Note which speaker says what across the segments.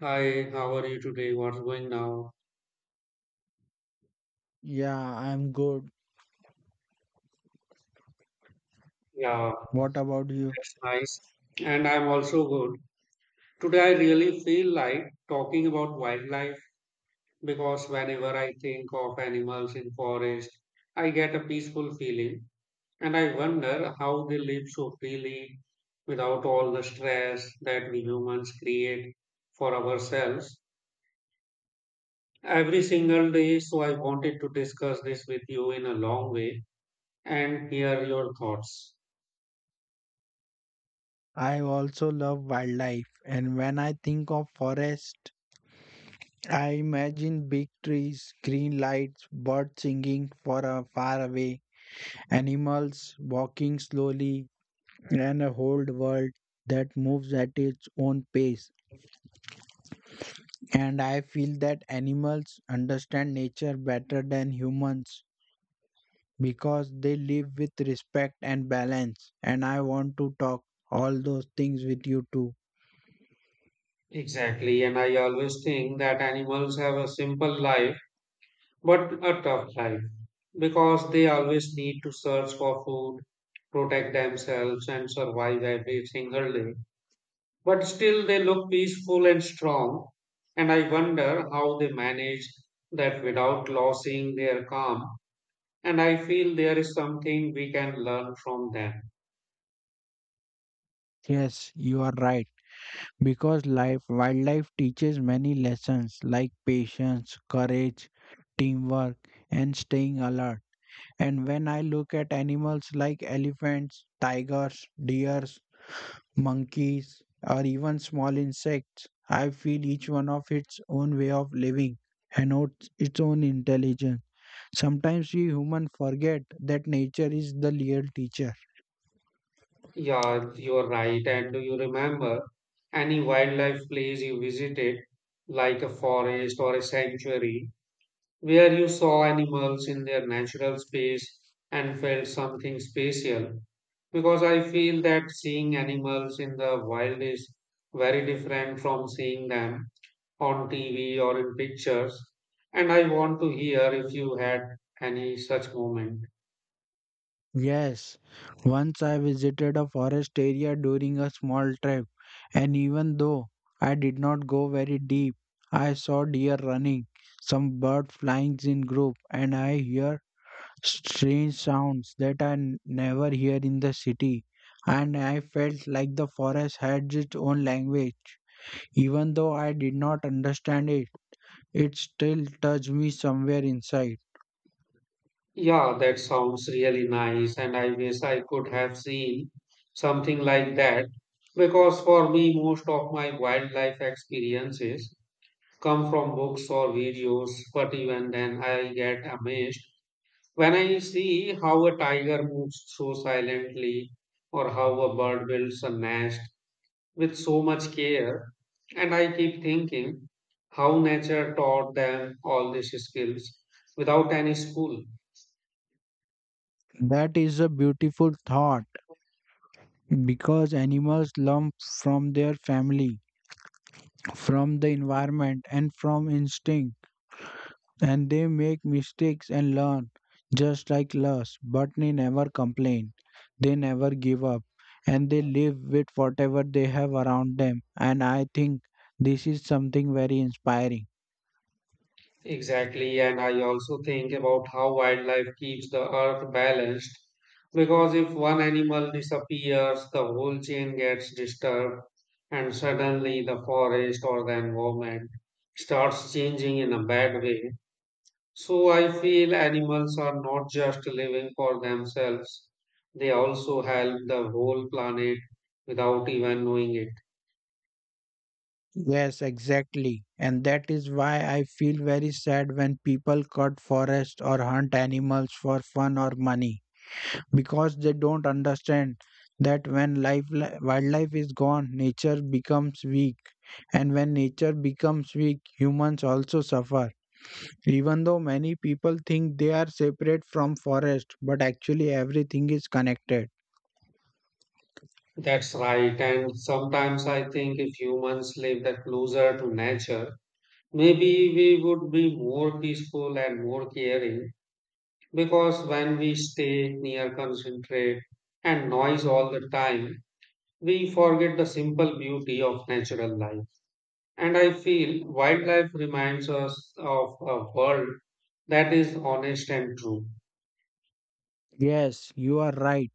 Speaker 1: Hi, how are you today? What's going now?
Speaker 2: Yeah, I'm good.
Speaker 1: Yeah,
Speaker 2: What about you?
Speaker 1: that's nice. And I'm also good. Today, I really feel like talking about wildlife because whenever I think of animals in forest, I get a peaceful feeling and I wonder how they live so freely without all the stress that we humans create for ourselves every single day. So I wanted to discuss this with you in a long way and hear your thoughts.
Speaker 2: I also love wildlife, and when I think of forest, I imagine big trees, green lights, birds singing for a far away, animals walking slowly, and a whole world that moves at its own pace. And I feel that animals understand nature better than humans because they live with respect and balance. And I want to talk all those things with you too.
Speaker 1: Exactly, and I always think that animals have a simple life but a tough life because they always need to search for food, protect themselves, and survive every single day. But still, they look peaceful and strong, and I wonder how they manage that without losing their calm. And I feel there is something we can learn from them.
Speaker 2: Yes, you are right. Because life, wildlife teaches many lessons like patience, courage, teamwork, and staying alert. And when I look at animals like elephants, tigers, deers, monkeys, or even small insects, I feel each one of its own way of living and its own intelligence. Sometimes we humans forget that nature is the real teacher.
Speaker 1: Yeah, you're right. And do you remember any wildlife place you visited, like a forest or a sanctuary, where you saw animals in their natural space and felt something special? Because I feel that seeing animals in the wild is very different from seeing them on TV or in pictures. And I want to hear if you had any such moment.
Speaker 2: Yes, once I visited a forest area during a small trip, and even though I did not go very deep, I saw deer running, some bird flying in group, and I hear strange sounds that I never hear in the city. And I felt like the forest had its own language, even though I did not understand it. It still touched me somewhere inside.
Speaker 1: Yeah, that sounds really nice, and I wish I could have seen something like that because for me, most of my wildlife experiences come from books or videos. But even then, I get amazed when I see how a tiger moves so silently or how a bird builds a nest with so much care. And I keep thinking how nature taught them all these skills without any school.
Speaker 2: That is a beautiful thought because animals learn from their family, from the environment, and from instinct, and they make mistakes and learn just like us, but they never complain, they never give up, and they live with whatever they have around them. And I think this is something very inspiring.
Speaker 1: Exactly, and I also think about how wildlife keeps the earth balanced because if one animal disappears, the whole chain gets disturbed, and suddenly the forest or the environment starts changing in a bad way. So I feel animals are not just living for themselves, they also help the whole planet without even knowing it.
Speaker 2: Yes, exactly. And that is why I feel very sad when people cut forests or hunt animals for fun or money, because they don't understand that when life wildlife is gone, nature becomes weak, and when nature becomes weak, humans also suffer. Even though many people think they are separate from forest, but actually everything is connected.
Speaker 1: That's right, and sometimes I think if humans lived closer to nature, maybe we would be more peaceful and more caring because when we stay near concentrate and noise all the time, we forget the simple beauty of natural life. And I feel wildlife reminds us of a world that is honest and true.
Speaker 2: Yes, you are right.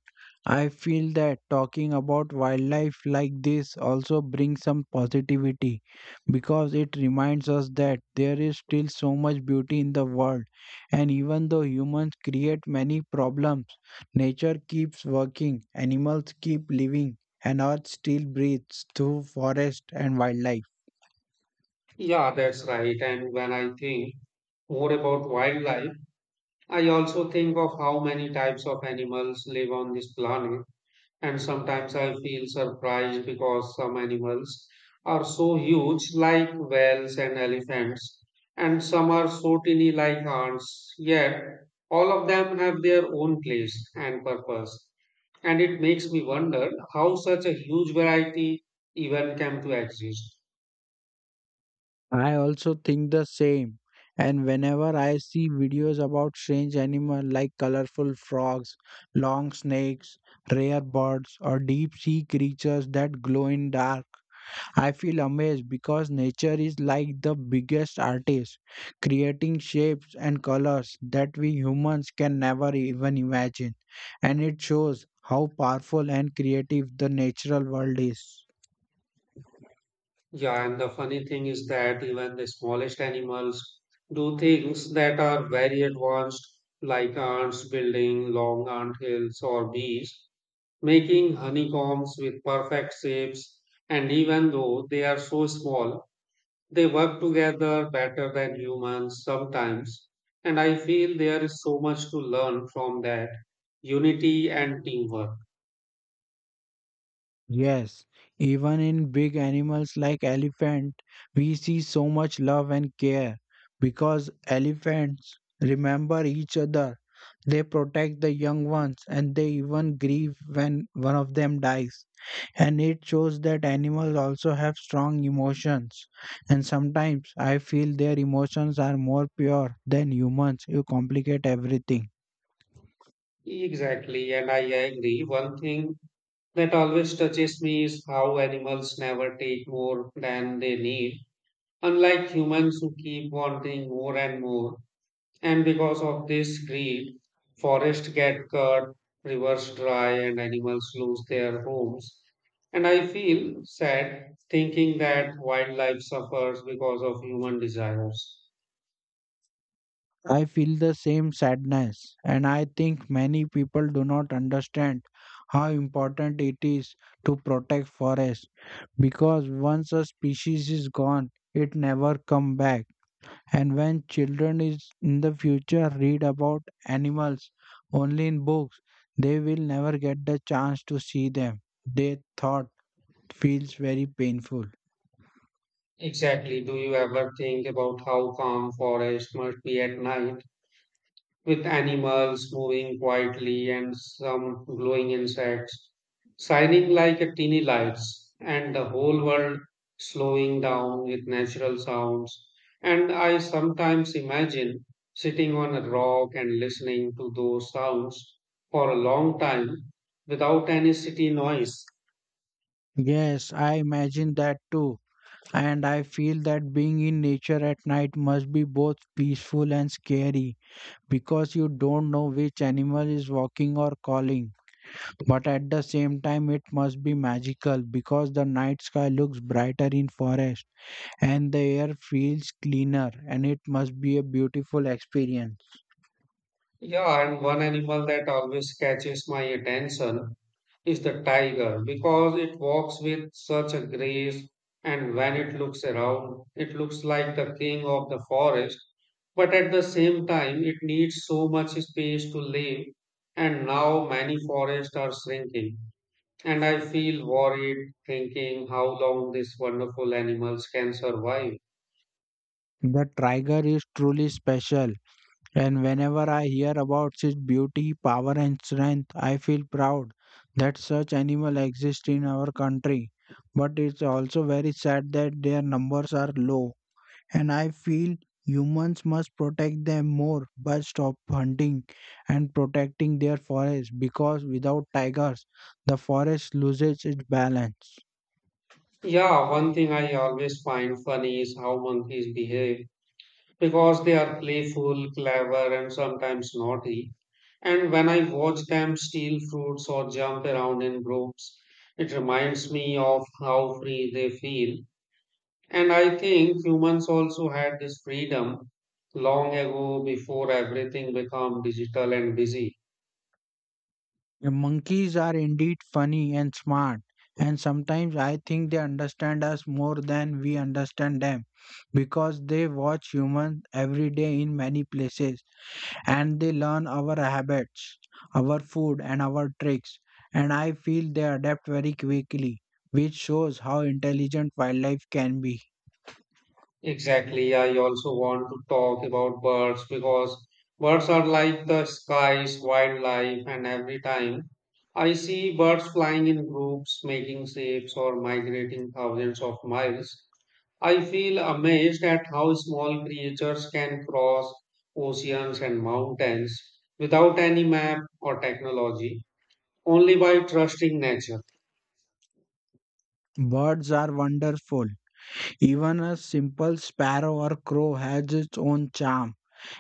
Speaker 2: I feel that talking about wildlife like this also brings some positivity because it reminds us that there is still so much beauty in the world. And even though humans create many problems, nature keeps working, animals keep living, and Earth still breathes through forest and wildlife.
Speaker 1: Yeah, that's right. And when I think more about wildlife, I also think of how many types of animals live on this planet. And sometimes I feel surprised because some animals are so huge, like whales and elephants, and some are so tiny, like ants. Yet, all of them have their own place and purpose. And it makes me wonder how such a huge variety even came to exist.
Speaker 2: I also think the same. And whenever I see videos about strange animals like colorful frogs, long snakes, rare birds, or deep sea creatures that glow in dark, I feel amazed because nature is like the biggest artist, creating shapes and colors that we humans can never even imagine. And it shows how powerful and creative the natural world is.
Speaker 1: Yeah, and the funny thing is that even the smallest animals do things that are very advanced, like ants building long ant hills or bees making honeycombs with perfect shapes, and even though they are so small, they work together better than humans sometimes. And I feel there is so much to learn from that unity and teamwork.
Speaker 2: Yes, even in big animals like elephant, we see so much love and care because elephants remember each other. They protect the young ones and they even grieve when one of them dies. And it shows that animals also have strong emotions. And sometimes I feel their emotions are more pure than humans who complicate everything.
Speaker 1: Exactly, and I agree. One thing that always touches me is how animals never take more than they need, unlike humans who keep wanting more and more. And because of this greed, forests get cut, rivers dry, and animals lose their homes. And I feel sad thinking that wildlife suffers because of human desires.
Speaker 2: I feel the same sadness, and I think many people do not understand how important it is to protect forests because once a species is gone, it never come back. And when children is in the future read about animals only in books, they will never get the chance to see them. Their thought feels very painful.
Speaker 1: Exactly. Do you ever think about how calm forests must be at night, with animals moving quietly and some glowing insects shining like a teeny lights, and the whole world slowing down with natural sounds. And I sometimes imagine sitting on a rock and listening to those sounds for a long time without any city noise.
Speaker 2: Yes, I imagine that too, and I feel that being in nature at night must be both peaceful and scary because you don't know which animal is walking or calling. But at the same time, it must be magical because the night sky looks brighter in forest and the air feels cleaner, and it must be a beautiful experience.
Speaker 1: Yeah, and one animal that always catches my attention is the tiger because it walks with such a grace and when it looks around it looks like the king of the forest but at the same time it needs so much space to live and now many forests are shrinking and I feel worried thinking how long these wonderful animals can survive.
Speaker 2: The tiger is truly special. And whenever I hear about its beauty, power, and strength, I feel proud that such animals exist in our country. But it's also very sad that their numbers are low. And I feel humans must protect them more by stop hunting and protecting their forests because without tigers, the forest loses its balance.
Speaker 1: Yeah, one thing I always find funny is how monkeys behave because they are playful, clever, and sometimes naughty. And when I watch them steal fruits or jump around in groups, it reminds me of how free they feel. And I think humans also had this freedom long ago before everything became digital and busy.
Speaker 2: Yeah, monkeys are indeed funny and smart, and sometimes I think they understand us more than we understand them because they watch humans every day in many places and they learn our habits, our food, and our tricks. And I feel they adapt very quickly, which shows how intelligent wildlife can be.
Speaker 1: Exactly. I also want to talk about birds because birds are like the skies, wildlife, and every time I see birds flying in groups, making shapes, or migrating thousands of miles, I feel amazed at how small creatures can cross oceans and mountains without any map or technology, only by trusting nature.
Speaker 2: Birds are wonderful. Even a simple sparrow or crow has its own charm.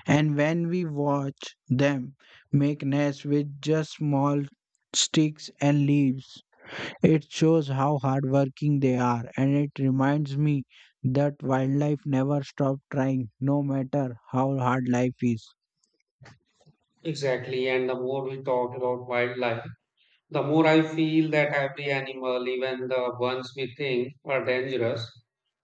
Speaker 2: And when we watch them make nests with just small sticks and leaves, it shows how hardworking they are. And it reminds me that wildlife never stop trying, no matter how hard life is.
Speaker 1: Exactly. And the more we talk about wildlife, the more I feel that every animal, even the ones we think are dangerous,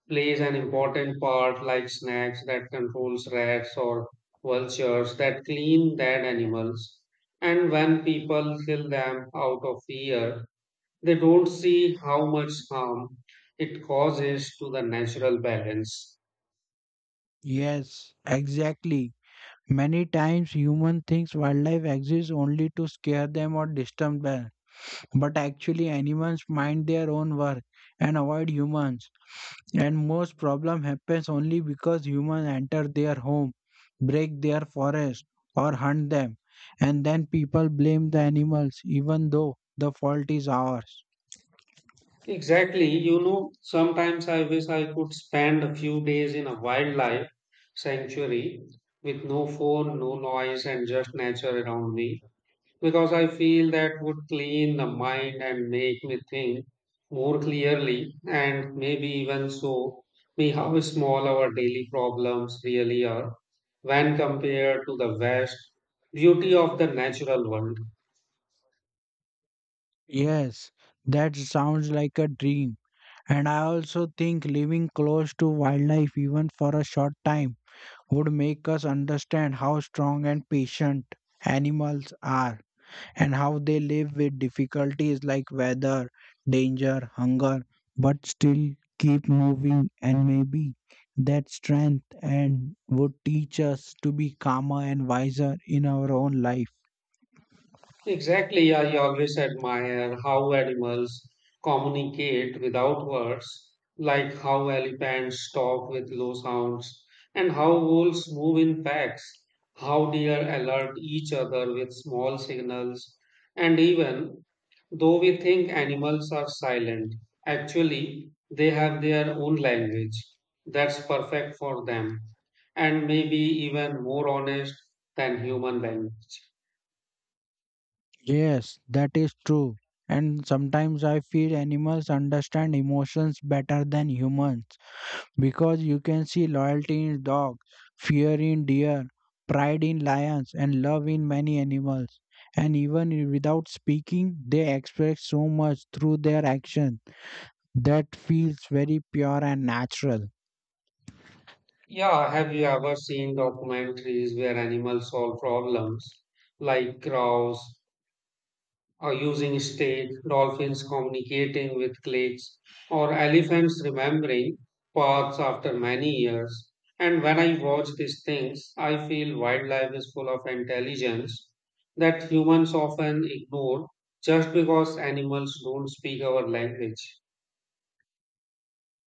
Speaker 1: plays an important part like snakes that controls rats or vultures that clean dead animals. And when people kill them out of fear, they don't see how much harm it causes to the natural balance.
Speaker 2: Yes, exactly. Many times human thinks wildlife exists only to scare them or disturb them, but actually animals mind their own work and avoid humans. And most problem happens only because humans enter their home, break their forest, or hunt them. And then people blame the animals, even though the fault is ours.
Speaker 1: Exactly. You know, sometimes I wish I could spend a few days in a wildlife sanctuary with no phone, no noise, and just nature around me because I feel that would clean the mind and make me think more clearly and maybe even show me how small our daily problems really are when compared to the vast beauty of the natural world.
Speaker 2: Yes, that sounds like a dream. And I also think living close to wildlife, even for a short time, would make us understand how strong and patient animals are, and how they live with difficulties like weather, danger, hunger, but still keep moving. And maybe that strength and would teach us to be calmer and wiser in our own life.
Speaker 1: Exactly, I always admire how animals communicate without words, like how elephants talk with low sounds, and how wolves move in packs, how deer alert each other with small signals, and even though we think animals are silent, actually they have their own language that's perfect for them, and maybe even more honest than human language.
Speaker 2: Yes, that is true. And sometimes I feel animals understand emotions better than humans, because you can see loyalty in dogs, fear in deer, pride in lions, and love in many animals. And even without speaking, they express so much through their action that feels very pure and natural.
Speaker 1: Yeah, have you ever seen documentaries where animals solve problems like crows are using steak, dolphins communicating with clicks, or elephants remembering paths after many years? And when I watch these things, I feel wildlife is full of intelligence that humans often ignore just because animals don't speak our language.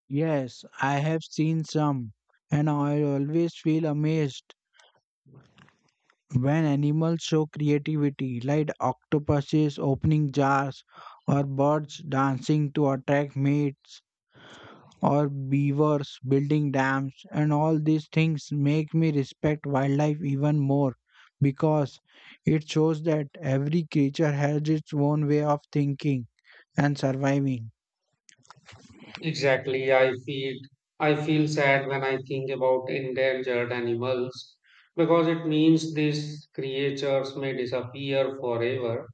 Speaker 2: Yes, I have seen some, and I always feel amazed when animals show creativity, like octopuses opening jars or birds dancing to attract mates or beavers building dams, and all these things make me respect wildlife even more because it shows that every creature has its own way of thinking and surviving.
Speaker 1: Exactly. I feel sad when I think about endangered animals because it means these creatures may disappear forever.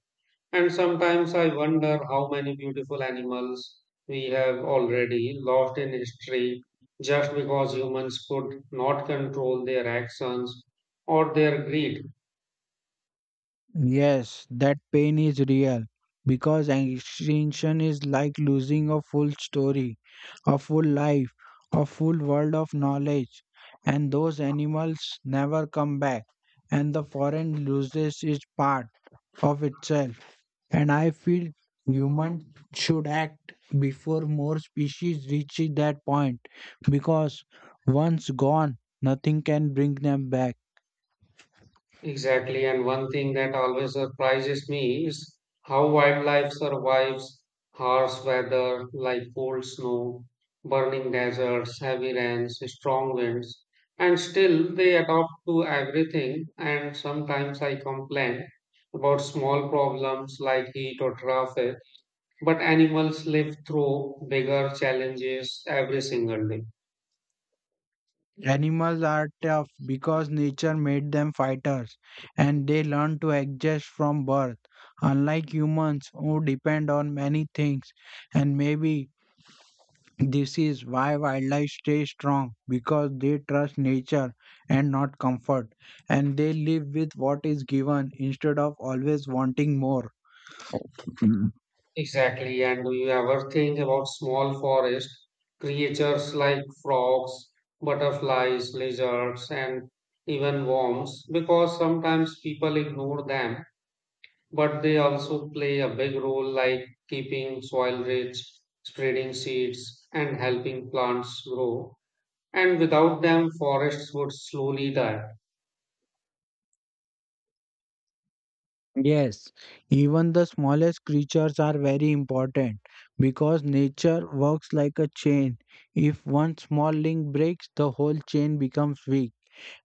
Speaker 1: And sometimes I wonder how many beautiful animals we have already lost in history just because humans could not control their actions or their greed.
Speaker 2: Yes, that pain is real because extinction is like losing a full story, a full life, a full world of knowledge, and those animals never come back, and the forest loses its part of itself. And I feel humans should act before more species reach that point, because once gone, nothing can bring them back.
Speaker 1: Exactly, and one thing that always surprises me is how wildlife survives harsh weather like cold snow, burning deserts, heavy rains, strong winds, and still they adapt to everything. And sometimes I complain about small problems like heat or traffic, but animals live through bigger challenges every single day.
Speaker 2: Animals are tough because nature made them fighters and they learn to adjust from birth, unlike humans who depend on many things. And maybe this is why wildlife stay strong, because they trust nature and not comfort, and they live with what is given instead of always wanting more.
Speaker 1: Exactly. And do you ever think about small forest creatures like frogs, butterflies, lizards, and even worms? Because sometimes people ignore them, but they also play a big role, like keeping soil rich, spreading seeds, and helping plants grow. And without them, forests would slowly die.
Speaker 2: Yes, even the smallest creatures are very important because nature works like a chain. If one small link breaks, the whole chain becomes weak.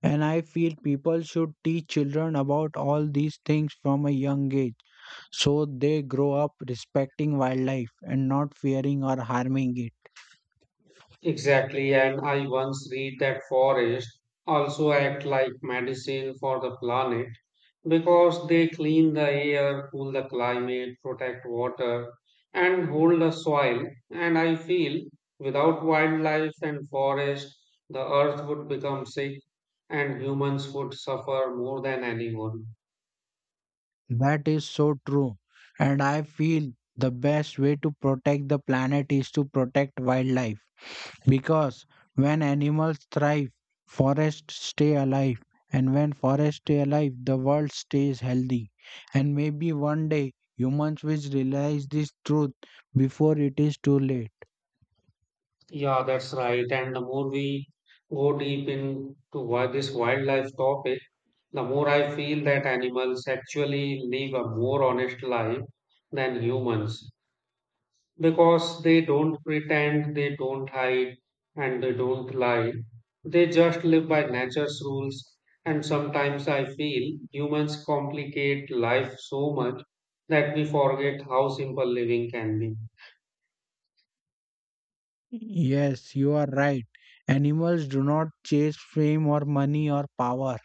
Speaker 2: And I feel people should teach children about all these things from a young age, so they grow up respecting wildlife and not fearing or harming it.
Speaker 1: Exactly. And I once read that forests also act like medicine for the planet because they clean the air, cool the climate, protect water, and hold the soil. And I feel without wildlife and forest, the earth would become sick and humans would suffer more than anyone.
Speaker 2: That is so true. And I feel the best way to protect the planet is to protect wildlife, because when animals thrive, forests stay alive. And when forests stay alive, the world stays healthy. And maybe one day humans will realize this truth before it is too late.
Speaker 1: Yeah, that's right. And the more we go deep into why this wildlife topic, the more I feel that animals actually live a more honest life than humans because they don't pretend, they don't hide, and they don't lie. They just live by nature's rules. And sometimes I feel humans complicate life so much that we forget how simple living can be.
Speaker 2: Yes, you are right. Animals do not chase fame or money or power.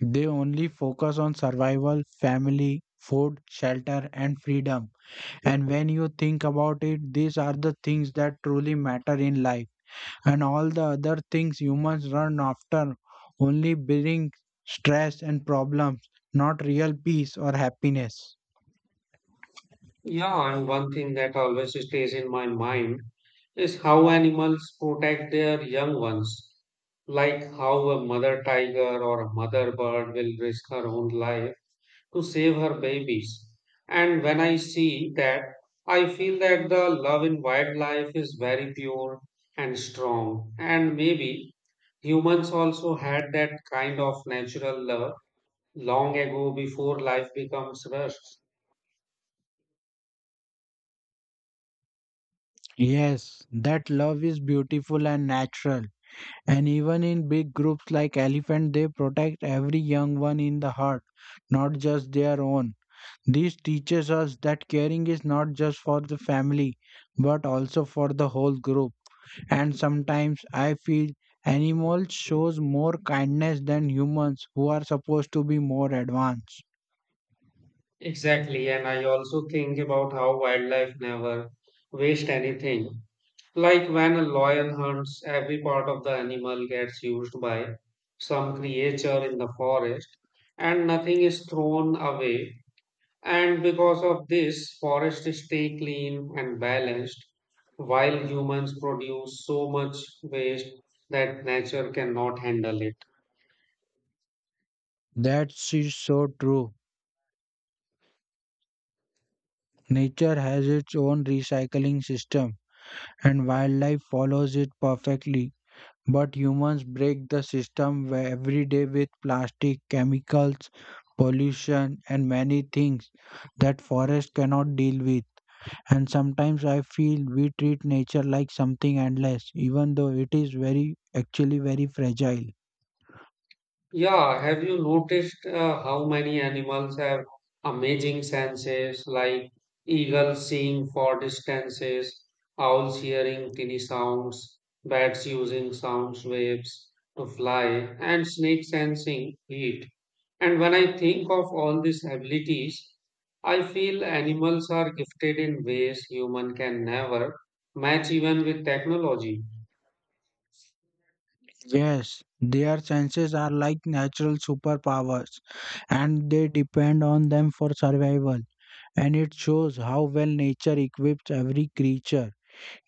Speaker 2: They only focus on survival, family, food, shelter, and freedom. And when you think about it, these are the things that truly matter in life. And all the other things humans run after only bring stress and problems, not real peace or happiness.
Speaker 1: Yeah, and one thing that always stays in my mind is how animals protect their young ones, like how a mother tiger or a mother bird will risk her own life to save her babies. And when I see that, I feel that the love in wildlife is very pure and strong. And maybe humans also had that kind of natural love long ago before life becomes rushed.
Speaker 2: Yes, that love is beautiful and natural. And even in big groups like elephant, they protect every young one in the heart, not just their own. This teaches us that caring is not just for the family, but also for the whole group. And sometimes I feel animals shows more kindness than humans who are supposed to be more advanced.
Speaker 1: Exactly. And I also think about how wildlife never waste anything. Like when a lion hunts, every part of the animal gets used by some creature in the forest and nothing is thrown away. And because of this, forests stay clean and balanced, while humans produce so much waste that nature cannot handle it.
Speaker 2: That is so true. Nature has its own recycling system and wildlife follows it perfectly. But humans break the system where every day with plastic, chemicals, pollution, and many things that forest cannot deal with. And sometimes I feel we treat nature like something endless, even though it is very, actually very fragile.
Speaker 1: Yeah, have you noticed how many animals have amazing senses, like eagles seeing far distances, owls hearing tiny sounds, bats using sound waves to fly, and snakes sensing heat? And when I think of all these abilities, I feel animals are gifted in ways human can never match even with technology.
Speaker 2: Yes, their senses are like natural superpowers and they depend on them for survival. And it shows how well nature equips every creature,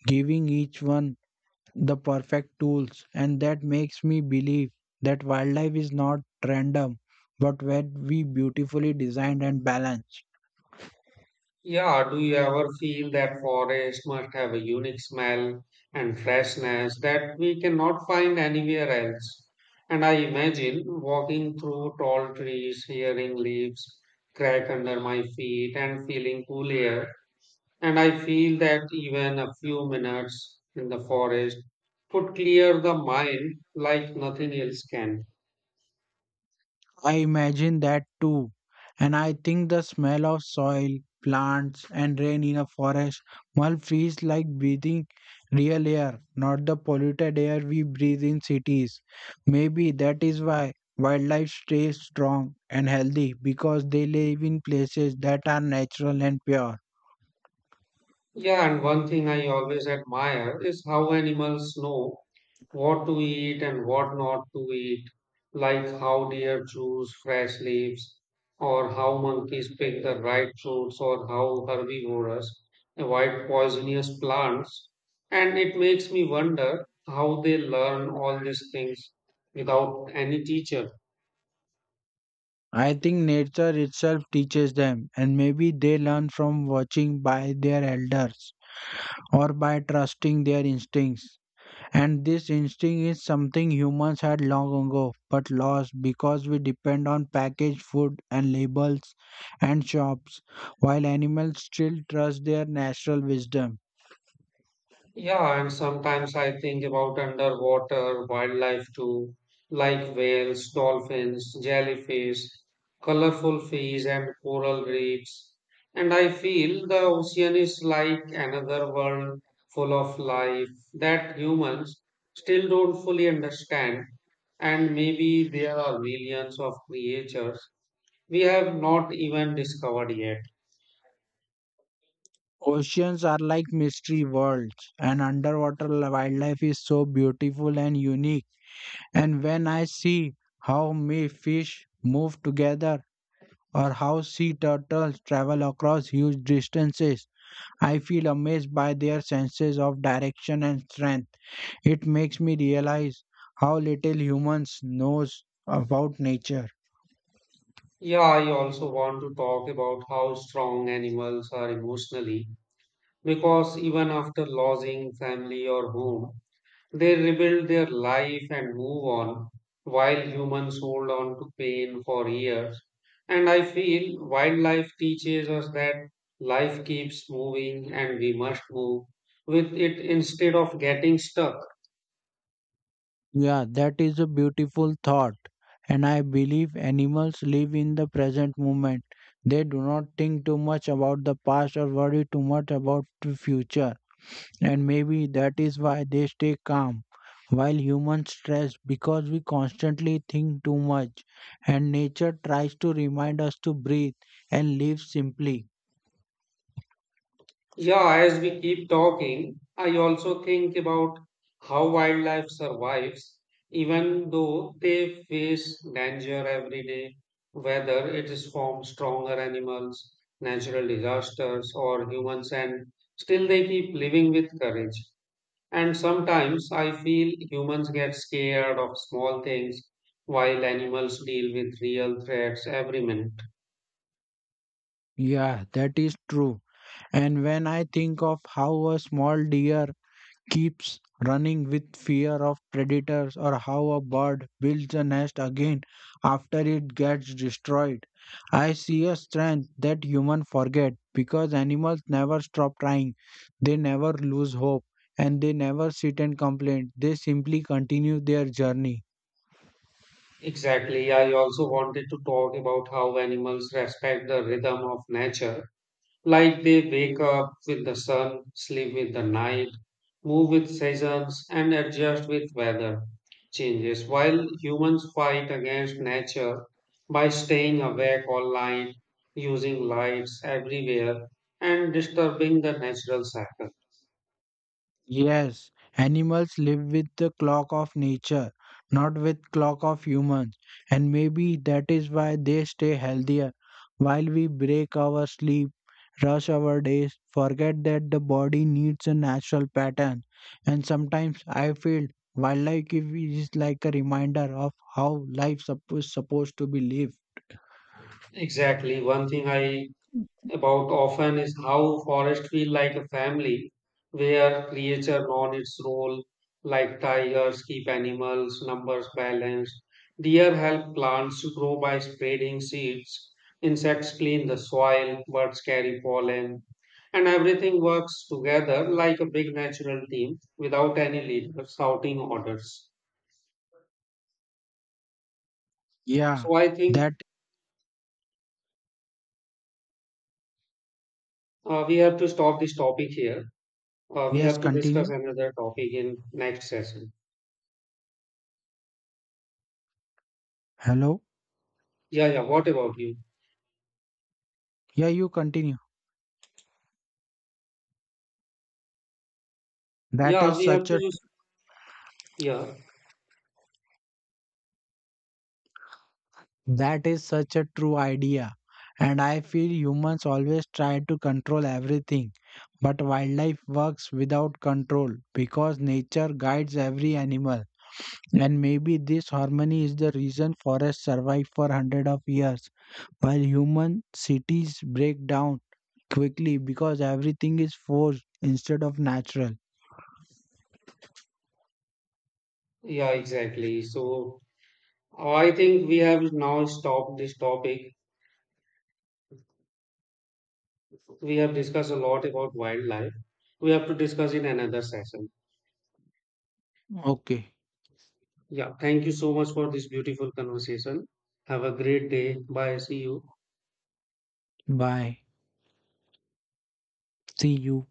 Speaker 2: giving each one the perfect tools, and that makes me believe that wildlife is not random but very beautifully designed and balanced.
Speaker 1: Yeah, do you ever feel that forest must have a unique smell and freshness that we cannot find anywhere else? And I imagine walking through tall trees, hearing leaves crack under my feet, and feeling cool air. And I feel that even a few minutes in the forest could clear the mind like nothing else can.
Speaker 2: I imagine that too, and I think the smell of soil, plants, and rain in a forest must feels like breathing real air, not the polluted air we breathe in cities. Maybe that is why wildlife stays strong and healthy because they live in places that are natural and pure.
Speaker 1: Yeah, and one thing I always admire is how animals know what to eat and what not to eat, like how deer choose fresh leaves, or how monkeys pick the right fruits, or how herbivores avoid poisonous plants. And it makes me wonder how they learn all these things without any teacher.
Speaker 2: I think nature itself teaches them, and maybe they learn from watching by their elders or by trusting their instincts. And this instinct is something humans had long ago but lost because we depend on packaged food and labels and shops, while animals still trust their natural wisdom.
Speaker 1: Yeah, and sometimes I think about underwater wildlife too, like whales, dolphins, jellyfish, colorful fish, and coral reefs. And I feel the ocean is like another world full of life that humans still don't fully understand. And maybe there are millions of creatures we have not even discovered yet.
Speaker 2: Oceans are like mystery worlds, and underwater wildlife is so beautiful and unique. And when I see how me fish move together or how sea turtles travel across huge distances, I feel amazed by their senses of direction and strength. It makes me realize how little humans knows about nature.
Speaker 1: Yeah, I also want to talk about how strong animals are emotionally because even after losing family or home, they rebuild their life and move on, while humans hold on to pain for years. And I feel wildlife teaches us that life keeps moving and we must move with it instead of getting stuck.
Speaker 2: Yeah, that is a beautiful thought. And I believe animals live in the present moment. They do not think too much about the past or worry too much about the future. And maybe that is why they stay calm while humans stress because we constantly think too much, and nature tries to remind us to breathe and live simply.
Speaker 1: Yeah, as we keep talking, I also think about how wildlife survives, even though they face danger every day, whether it is from stronger animals, natural disasters, or humans, and still they keep living with courage. And sometimes I feel humans get scared of small things while animals deal with real threats every minute.
Speaker 2: Yeah, that is true. And when I think of how a small deer keeps running with fear of predators, or how a bird builds a nest again after it gets destroyed, I see a strength that humans forget because animals never stop trying, they never lose hope, and they never sit and complain. They simply continue their journey.
Speaker 1: Exactly. I also wanted to talk about how animals respect the rhythm of nature. Like they wake up with the sun, sleep with the night, move with seasons, and adjust with weather changes. While humans fight against nature by staying awake all night, using lights everywhere, and disturbing the natural cycle.
Speaker 2: Yes, animals live with the clock of nature, not with clock of humans, and maybe that is why they stay healthier. While we break our sleep, rush our days, forget that the body needs a natural pattern, and sometimes I feel wildlife is like a reminder of how life supposed to be lived.
Speaker 1: Exactly. One thing I about often is how forest feel like a family where creature learn its role like tigers keep animals numbers balanced deer help plants grow by spreading seeds insects clean the soil birds carry pollen and everything works together like a big natural team without any leader shouting orders.
Speaker 2: Yeah,
Speaker 1: So I think
Speaker 2: that
Speaker 1: we have to stop this topic here. We
Speaker 2: yes,
Speaker 1: have to discuss
Speaker 2: continue.
Speaker 1: another topic in next session.
Speaker 2: Hello.
Speaker 1: Yeah, yeah. What about you?
Speaker 2: Yeah, you continue. That
Speaker 1: Yeah,
Speaker 2: is
Speaker 1: we have
Speaker 2: such
Speaker 1: to
Speaker 2: a
Speaker 1: use. Yeah,
Speaker 2: that is such a true idea. And I feel humans always try to control everything. But wildlife works without control because nature guides every animal. And maybe this harmony is the reason forests survive for hundreds of years, while human cities break down quickly because everything is forced instead of natural.
Speaker 1: yeah, exactly. So I think we have now stopped this topic. We have discussed a lot about wildlife. We have to discuss in another session.
Speaker 2: Okay,
Speaker 1: Yeah, thank you so much for this beautiful conversation. Have a great day. Bye. See you.
Speaker 2: bye. See you.